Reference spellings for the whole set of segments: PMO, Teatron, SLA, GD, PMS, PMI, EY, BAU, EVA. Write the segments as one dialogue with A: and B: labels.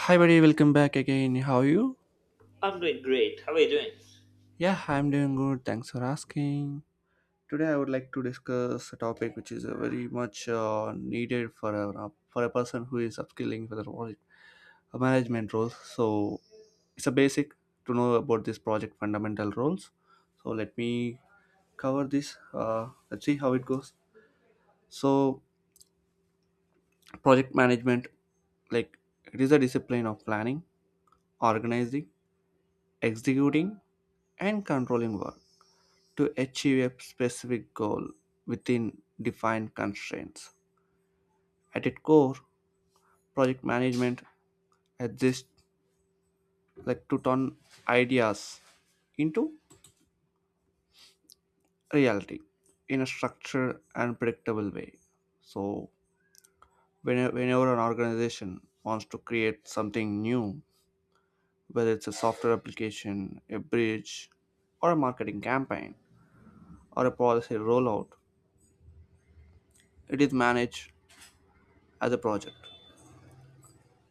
A: Hi, buddy, welcome back again. How are you?
B: I'm doing great. How are you doing?
A: Yeah, I'm doing good. Thanks for asking. Today, I would like to discuss a topic which is very much needed for for a person who is upskilling for the role, a management role. So, it's a basic to know about this project fundamental roles. So, let me cover this. Let's see how it goes. So, project management, like it is a discipline of planning, organizing, executing, and controlling work to achieve a specific goal within defined constraints. At its core, project management exists like to turn ideas into reality in a structured and predictable way. So, whenever an organization wants to create something new, whether it's a software application, a bridge, or a marketing campaign, or a policy rollout, it is managed as a project.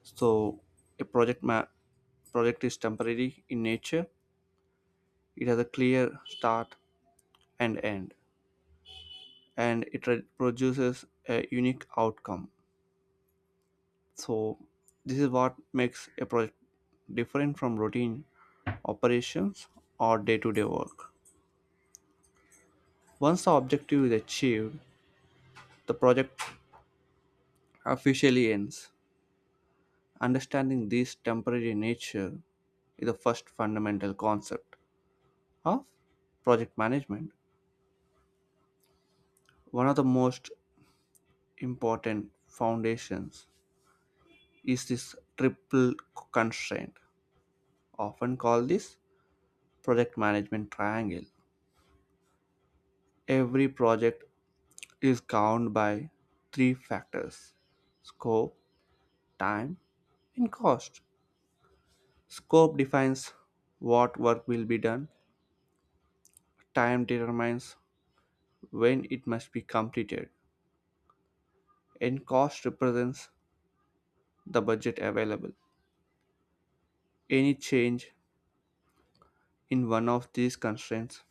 A: So a project is temporary in nature. It has a clear start and end, and it produces a unique outcome. So this is what makes a project different from routine operations or day-to-day work. Once the objective is achieved, the project officially ends. Understanding this temporary nature is the first fundamental concept of project management. One of the most important foundations is this triple constraint. Often call this project management triangle. Every project is governed by three factors: scope, time, and cost. Scope defines what work will be done, time determines when it must be completed, and cost represents the budget available. Any change in one of these constraints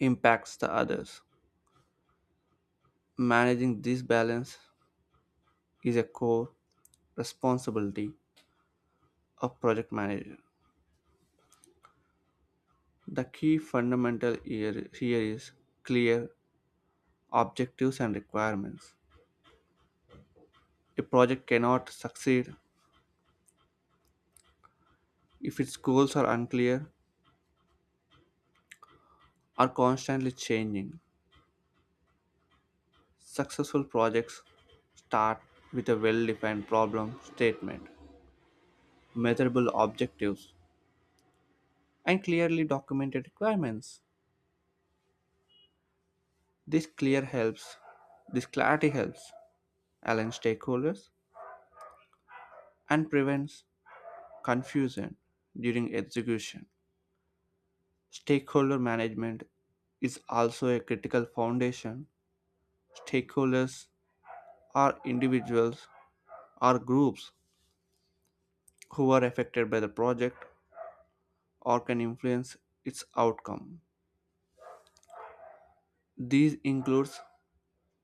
A: impacts the others. Managing this balance is a core responsibility of project manager. The key fundamental here is clear objectives and requirements. A project cannot succeed if its goals are unclear or constantly changing. Successful projects start with a well defined problem statement, measurable objectives, and clearly documented requirements. This clear helps, this clarity helps align stakeholders and prevents confusion during execution. Stakeholder management is also a critical foundation. Stakeholders are individuals or groups who are affected by the project or can influence its outcome. These includes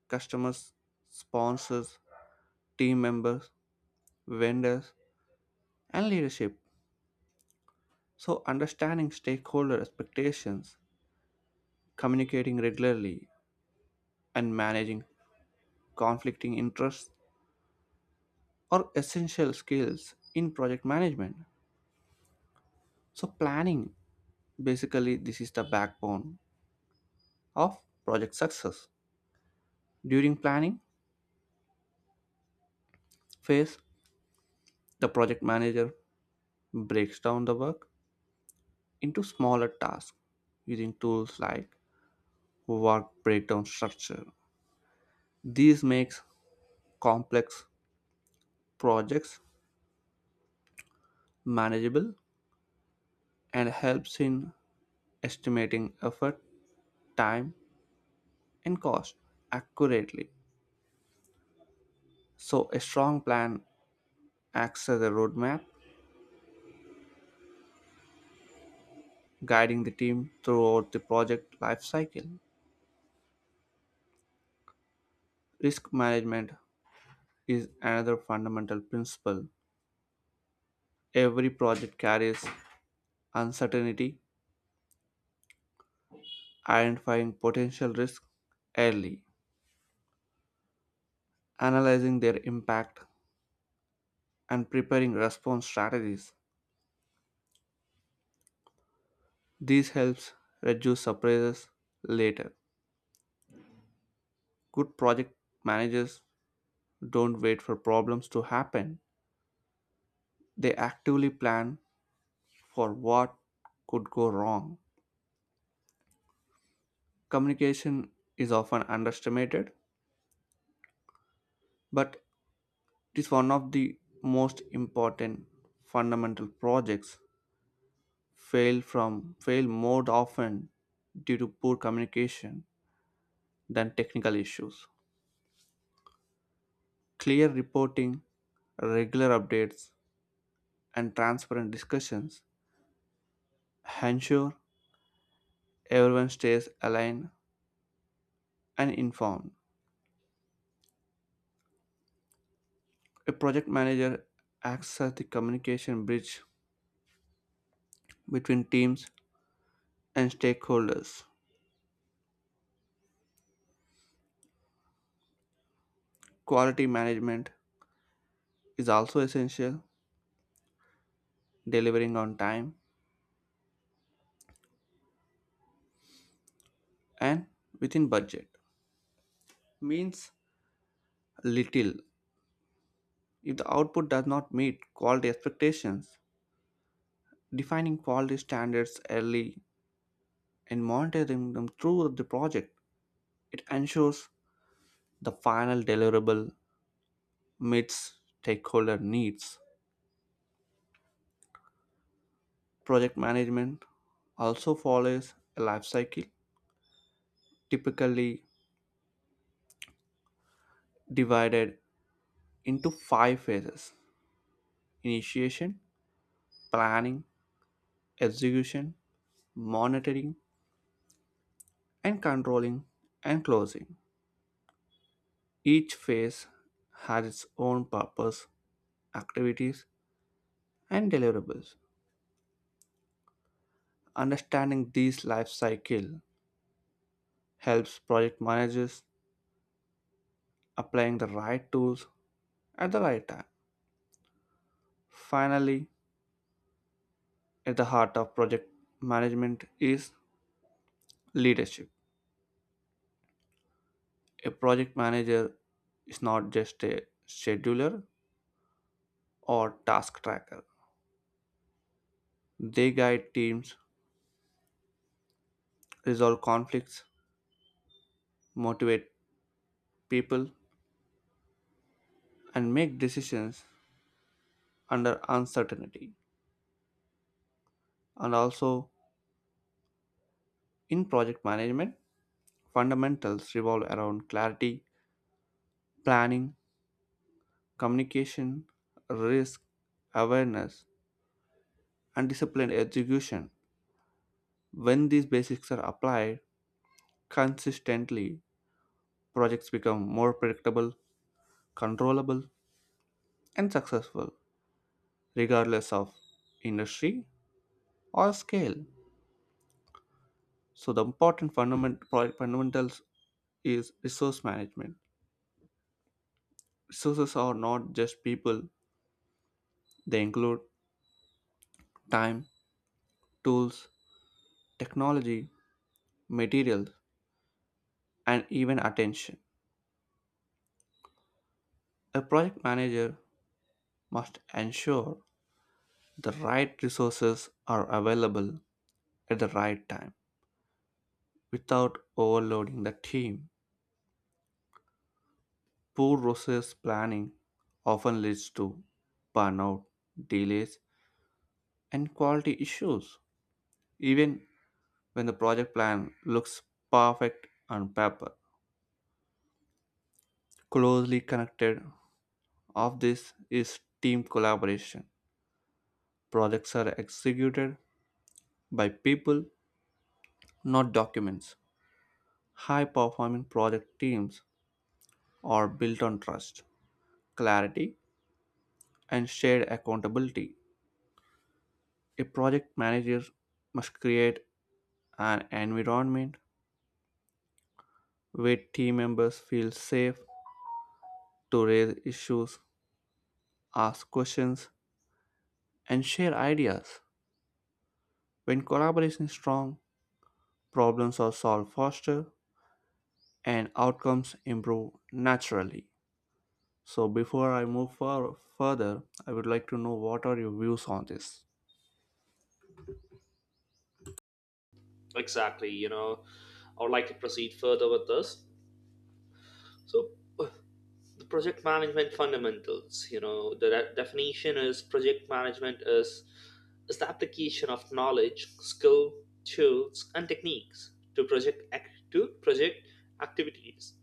A: customers, sponsors, team members, vendors, and leadership. So understanding stakeholder expectations, communicating regularly, and managing conflicting interests are essential skills in project management. So, planning basically, this is the backbone of project success. During planning phase, the project manager breaks down the work into smaller tasks using tools like work breakdown structure. These makes complex projects manageable and helps in estimating effort, time, and cost accurately. So, a strong plan acts as a roadmap, guiding the team throughout the project lifecycle. Risk management is another fundamental principle. Every project carries uncertainty, identifying potential risks early, analyzing their impact, and preparing response strategies. This helps reduce surprises later. Good project managers don't wait for problems to happen, they actively plan for what could go wrong. Communication is often underestimated, but it is one of the most important fundamental projects fail more often due to poor communication than technical issues. Clear reporting, regular updates, and transparent discussions ensure everyone stays aligned and informed. A project manager acts as the communication bridge between teams and stakeholders. Quality management is also essential, delivering on time and within budget means little if the output does not meet quality expectations. Defining quality standards early and monitoring them through the project, it ensures the final deliverable meets stakeholder needs. Project management also follows a life cycle typically divided into five phases: initiation, planning, execution, monitoring, and controlling and closing. Each phase has its own purpose, activities, and deliverables. Understanding these life cycle helps project managers applying the right tools at the right time. Finally, at the heart of project management is leadership. A project manager is not just a scheduler or task tracker. They guide teams, resolve conflicts, motivate people, and make decisions under uncertainty. And also, in project management, fundamentals revolve around clarity, planning, communication, risk, awareness, and disciplined execution. When these basics are applied consistently, projects become more predictable, controllable, and successful, regardless of industry or scale. So the important fundamentals is resource management. Resources are not just people; they include time, tools, technology, materials, and even attention. A project manager must ensure the right resources are available at the right time without overloading the team. Poor resource planning often leads to burnout, delays, and quality issues. Even when the project plan looks perfect on paper. Closely connected of this is team collaboration. Projects are executed by people, not documents. High performing project teams are built on trust, clarity, and shared accountability. A project manager must create an environment where team members feel safe to raise issues, ask questions, and share ideas. When collaboration is strong, problems are solved faster and outcomes improve naturally. So, before I move further, I would like to know what are your views on this?
B: Exactly, I would like to proceed further with this. So, uh, the project management fundamentals, the definition is project management is the application of knowledge, skill, tools, and techniques to project activities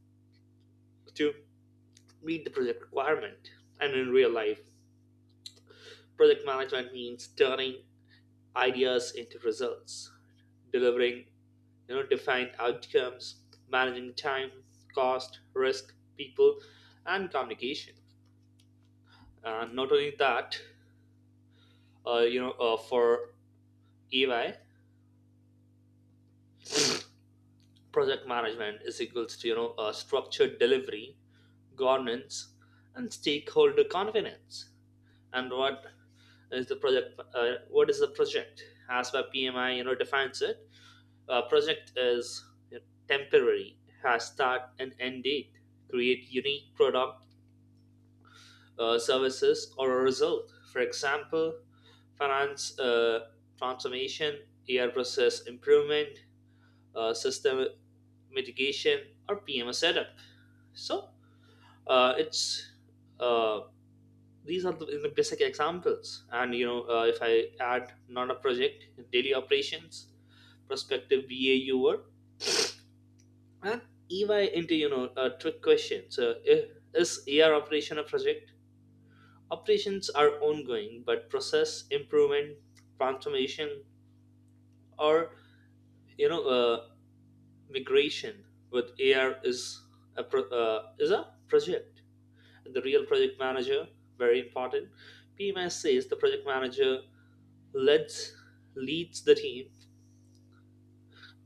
B: to meet the project requirement. And in real life, project management means turning ideas into results, delivering define outcomes, managing time, cost, risk, people, and communication. And not only that, for EY, project management is equals to, structured delivery, governance, and stakeholder confidence. And what is the project as per PMI, defines it. Project is, you know, temporary, has start and end date, create unique product, services, or a result. For example, finance, transformation, AI process improvement, system mitigation, or PMS setup. So, it's uh, these are the basic examples. And, if I add not a project, daily operations, prospective BAU work, and EY into, a trick question. So if, is AR operation a project? Operations are ongoing, but process improvement, transformation, or, you know uh, migration with AR is a project. The real project manager very important. PMS says the project manager leads leads the team,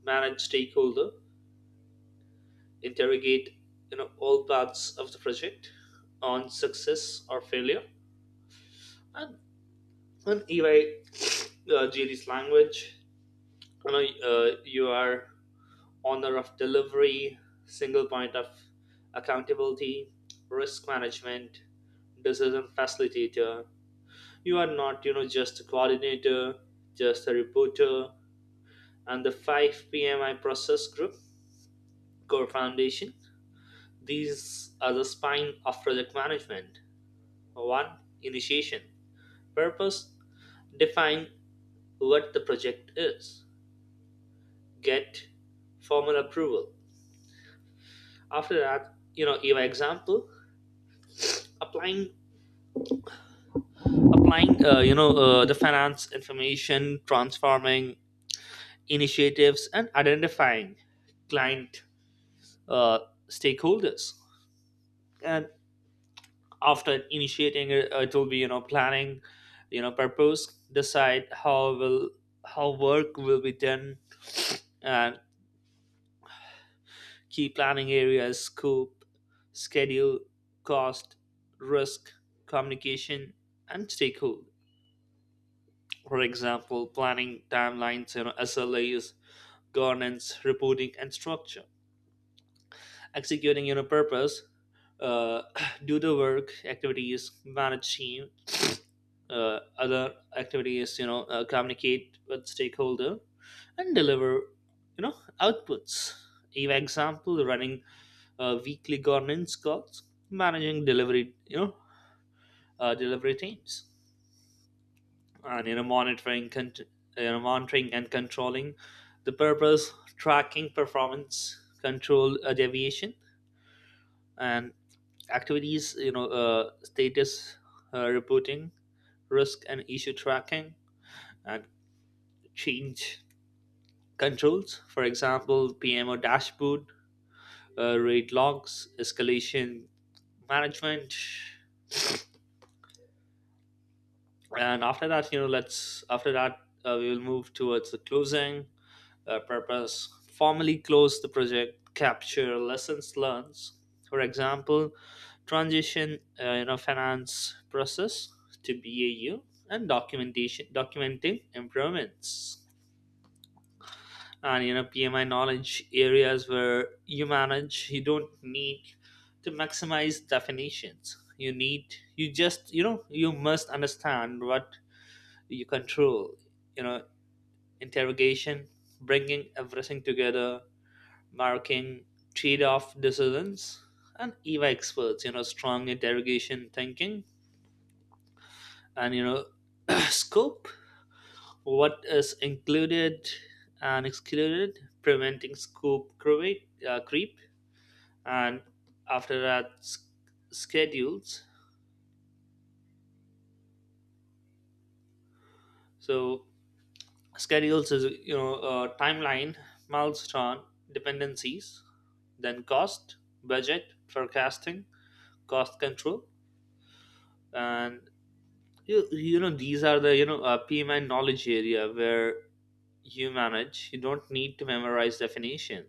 B: manage stakeholder, interrogate, all parts of the project on success or failure, and on EY, GD's language. You are honor of delivery, single point of accountability, risk management, decision facilitator. You are not, just a coordinator, just a reporter, and the 5 PMI process group, core foundation. These are the spine of project management. One, initiation. Purpose: define what the project is. Get formal approval. After that, your example, applying applying the finance information transforming initiatives and identifying client, uh, stakeholders. And after initiating it, it will be, planning. Purpose: decide how work will be done, and key planning areas: scope, schedule, cost, risk, communication, and stakeholder. For example, planning timelines, SLAs, governance, reporting, and structure. Executing your purpose, uh, do the work activities, manage team, other activities, communicate with stakeholder, and deliver, you know, outputs. Give example, running, weekly governance calls, managing delivery, delivery teams, and, monitoring and controlling the purpose, tracking performance, control, deviation, and activities. Status, reporting, risk and issue tracking, and change controls. For example, PMO dashboard, rate logs, escalation management. And after that, we will move towards the closing. Purpose: formally close the project, capture lessons learned. For example, transition, finance process to BAU, and documentation documenting improvements. And, PMI knowledge areas where you manage. You don't need to maximize definitions. You must understand what you control, you know interrogation, bringing everything together, marking trade-off decisions. And EVA experts, strong interrogation thinking. And, scope: what is included and excluded, preventing scope creep. And after that, schedules so schedules is, timeline, milestone, dependencies. Then cost: budget forecasting, cost control. And, these are the, PMI knowledge area where you manage. You don't need to memorize definition.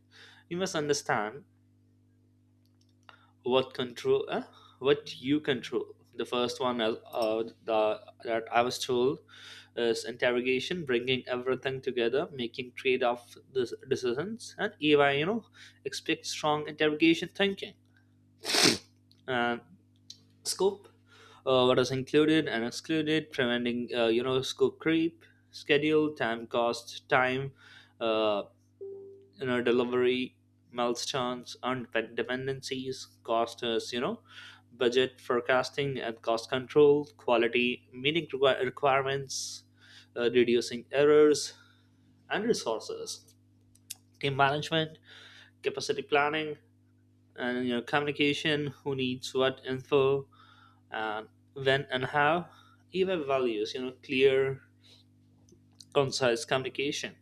B: You must understand what control, uh, what you control. The first one is, that I was told is interrogation, bringing everything together, making decisions, and EY, expect strong interrogation thinking. And scope: what is included and excluded, preventing, scope creep, schedule, time, cost, time, uh, delivery milestones and dependencies. Cost: us you know budget forecasting and cost control. Quality: meeting requirements, reducing errors. And resources: team management, capacity planning. And, communication: who needs what info, and when and how. Even values, clear concise communication.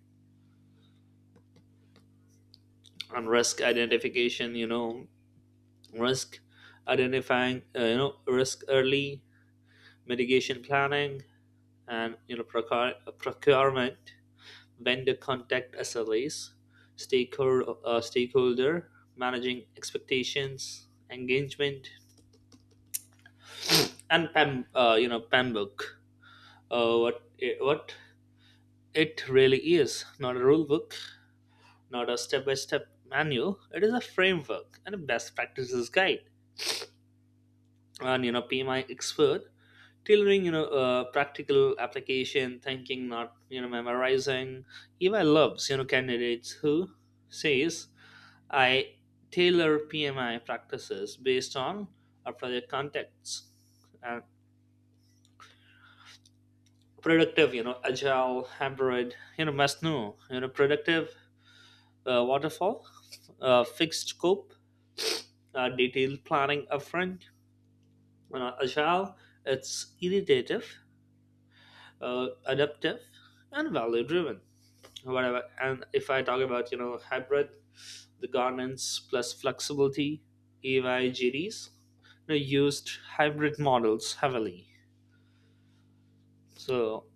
B: And risk identification, risk: identifying, risk early, mitigation planning. And, procurement: vendor contact, SLAs. Stakeholder: managing expectations, engagement. And pam you know PAM book. What it really is: not a rule book, not a step by step manual. It is a framework and a best practices guide. And, PMI expert tailoring, practical application thinking, not, memorizing. EVA loves, candidates who says, I tailor PMI practices based on our project contexts. And productive, agile, hybrid, must know, productive, waterfall, fixed scope, detailed planning upfront. Agile: it's iterative, adaptive, and value driven, whatever. And if I talk about, hybrid, the governance plus flexibility. EY GDs, used hybrid models heavily. So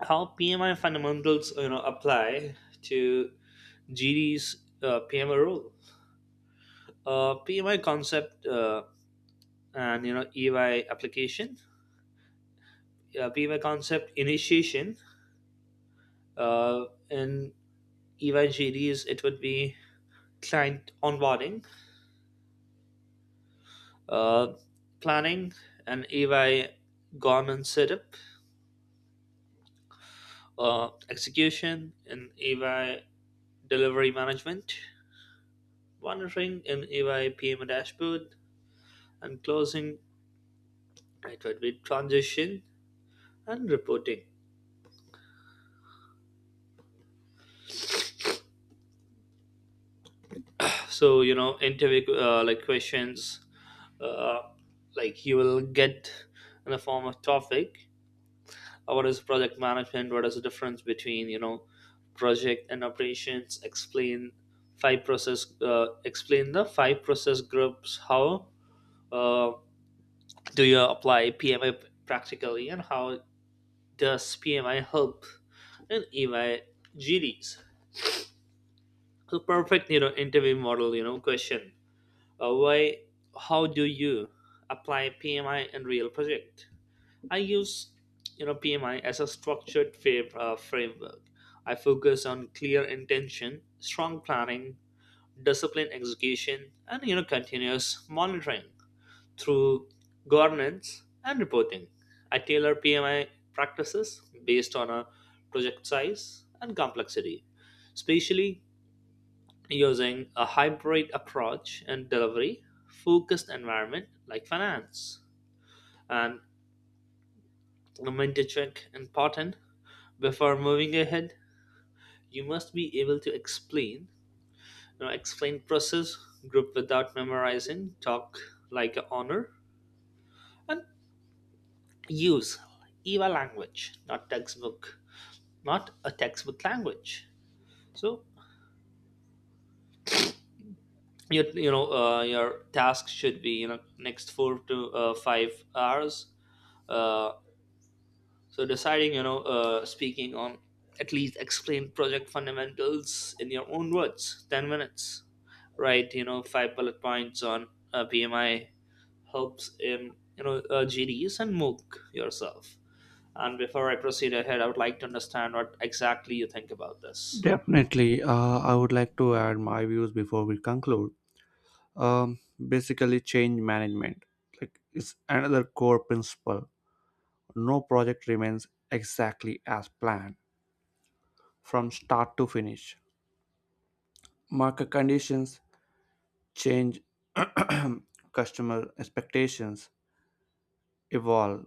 B: how PMI fundamentals, apply to GD's, PMI rule, PMI concept, and, EY application, PMI concept initiation, uh, and EY GDs it would be client onboarding, uh, planning and EY government setup, execution and EY delivery management, monitoring in EY PM dashboard, and closing it would be transition and reporting. So, interview, like questions, uh, like you will get in the form of topic: what is project management? What is the difference between, project and operations? Explain the five process groups. How, uh, do you apply PMI practically? And how does PMI help in EMI GDs? So, perfect, interview model, question: why, how do you apply PMI in real project? I use, PMI as a structured framework. I focus on clear intention, strong planning, disciplined execution, and, continuous monitoring through governance and reporting. I tailor PMI practices based on a project size and complexity, especially using a hybrid approach and delivery focused environment like finance, and the mentor check important. Before moving ahead, you must be able to explain, explain process, group without memorizing, talk like an honor, and use EVA language, not textbook, not a textbook language. So your your task should be, next four to, 5 hours. Uh, so deciding, speaking on, at least explain project fundamentals in your own words, 10 minutes. Write, five bullet points on, PMI helps in, GDs, and mooc yourself. And before I proceed ahead, I would like to understand what exactly you think about this.
A: Definitely, I would like to add my views before we conclude. Um, basically, change management like it's another core principle. No project remains exactly as planned from start to finish. Market conditions change, customer expectations, evolve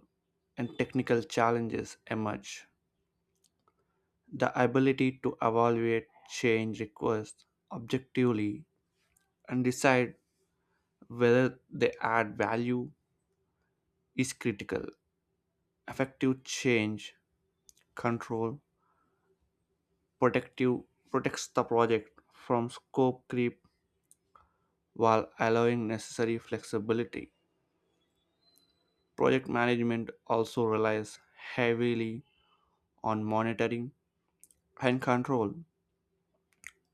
A: and technical challenges emerge, the ability to evaluate change requests objectively and decide whether they add value is critical. Effective change control protective protects the project from scope creep while allowing necessary flexibility. Project management also relies heavily on monitoring and control.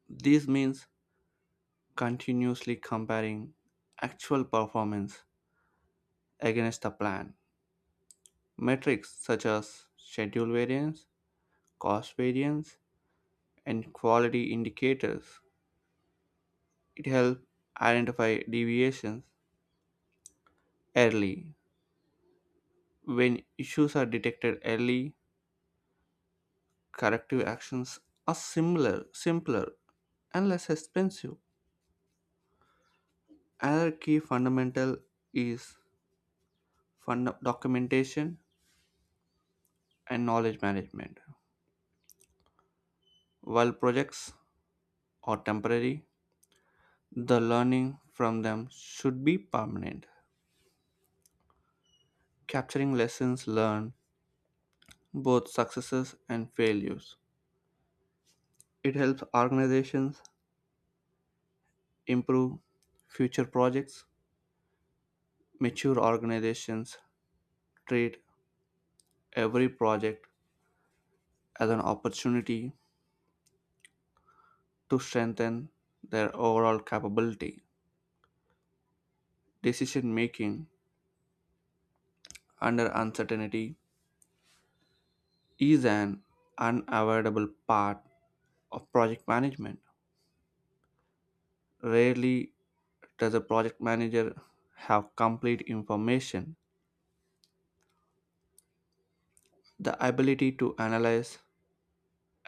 A: This means continuously comparing actual performance against the plan. Metrics such as schedule variance, cost variance, and quality indicators. It helps identify deviations early. When issues are detected early, corrective actions are simpler and less expensive. Another key fundamental is fund documentation and knowledge management. While projects are temporary, the learning from them should be permanent, capturing lessons learned, both successes and failures. It helps organizations improve future projects. Mature organizations treat every project as an opportunity to strengthen their overall capability. Decision making under uncertainty is an unavoidable part of project management. Rarely does a project manager have complete information, the ability to analyze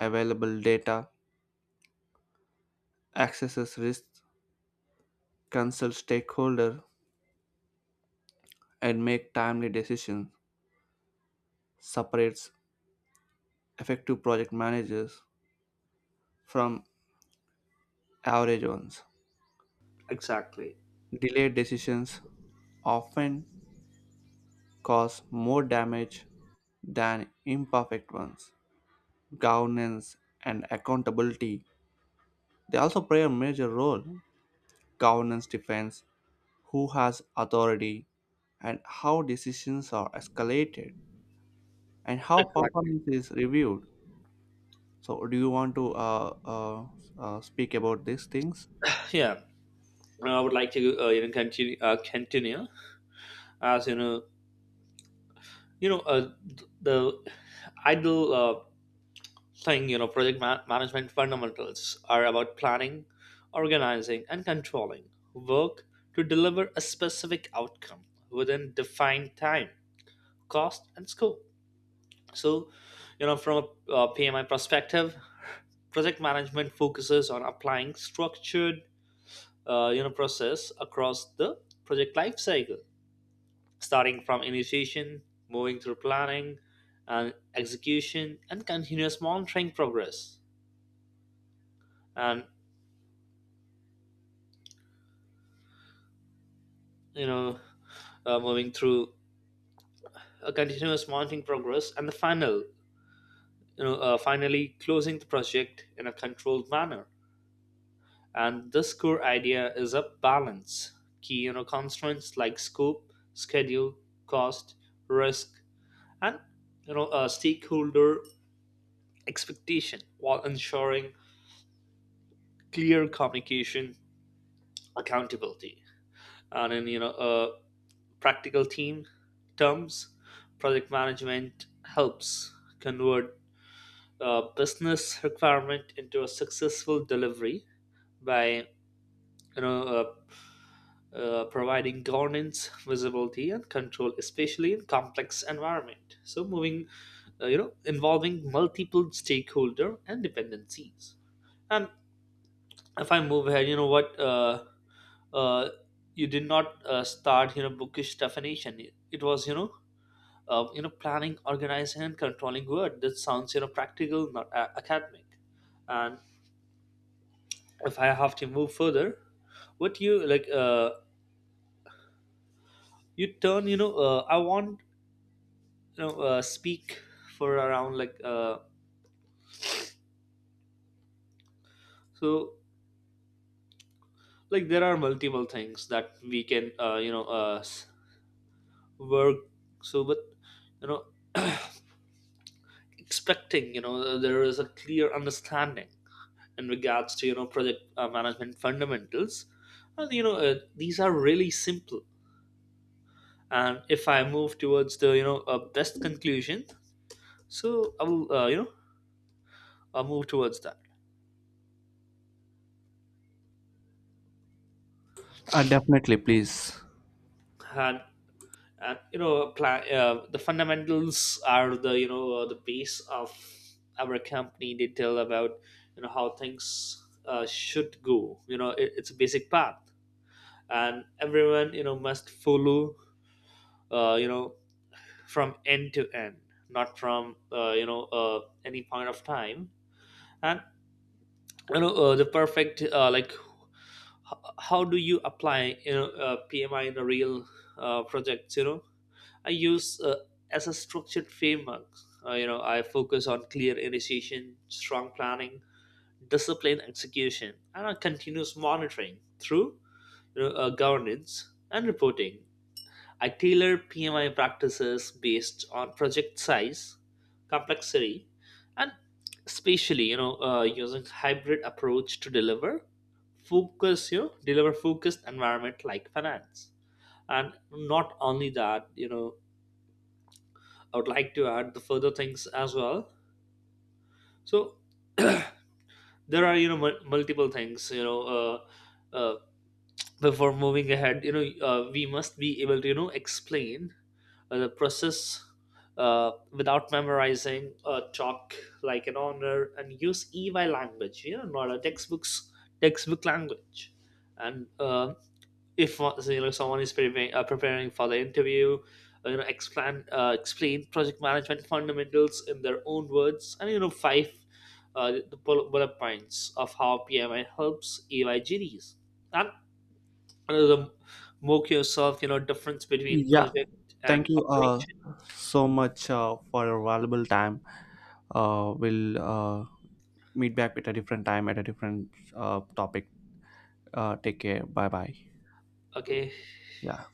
A: available data, access risks, consult stakeholders, and make timely decisions? Separates effective project managers from average ones.
B: Exactly.
A: Delayed decisions often cause more damage than imperfect ones. Governance and accountability they also play a major role. Governance defines who has authority, and how decisions are escalated, and how
B: Exactly.
A: performance is reviewed. So, do you want to speak about these things?
B: Yeah. I would like to, continue as you know, the idle, thing, management fundamentals are about planning, organizing, and controlling work to deliver a specific outcome within defined time, cost, and scope. So, from a, PMI perspective, project management focuses on applying structured, process across the project life cycle, starting from initiation, moving through planning and execution, and continuous monitoring progress, and, you know moving through a continuous mounting progress, and the final, finally closing the project in a controlled manner. And this core idea is a balance key, constraints like scope, schedule, cost, risk, and, stakeholder expectation, while ensuring clear communication, accountability. And in, practical team terms, project management helps convert, business requirement into a successful delivery by, you know uh, providing governance, visibility, and control, especially in complex environment. So moving, involving multiple stakeholder and dependencies. And if I move ahead, what, uh, you did not, start, bookish definition. It was, planning, organizing, and controlling word that sounds, practical, not academic. And if I have to move further, what you like? You turn. I want, speak for around like, so like there are multiple things that we can, work. So, but, you know, expecting, there is a clear understanding in regards to, project, management fundamentals, and, these are really simple. And if I move towards the, best conclusion, so I'll move towards that.
A: Definitely, please.
B: And, the fundamentals are the, the base of our company. They tell about, how things, should go. It's a basic path, and everyone, must follow, uh, you know from end to end, not from, any point of time. And, the perfect, like, how do you apply, PMI in a real, projects, you know. I use, as a structured framework. I focus on clear initiation, strong planning, disciplined execution, and on continuous monitoring through, governance and reporting. I tailor PMI practices based on project size, complexity, and especially, using hybrid approach to deliver focused environment like finance. And not only that, I would like to add the further things as well. So there are, multiple things, before moving ahead. We must be able to, explain, the process, without memorizing. Talk like an honor and use EY language, not a textbook language. And, if, someone is preparing for the interview, explain project management fundamentals in their own words, and, five, the bullet points of how PMI helps EYGDs, and, the mock yourself, difference between
A: Yeah,
B: project and
A: thank you
B: operation.
A: so much for your valuable time. We'll meet back at a different time at a different topic. Take care. Bye bye.
B: Okay.
A: Yeah.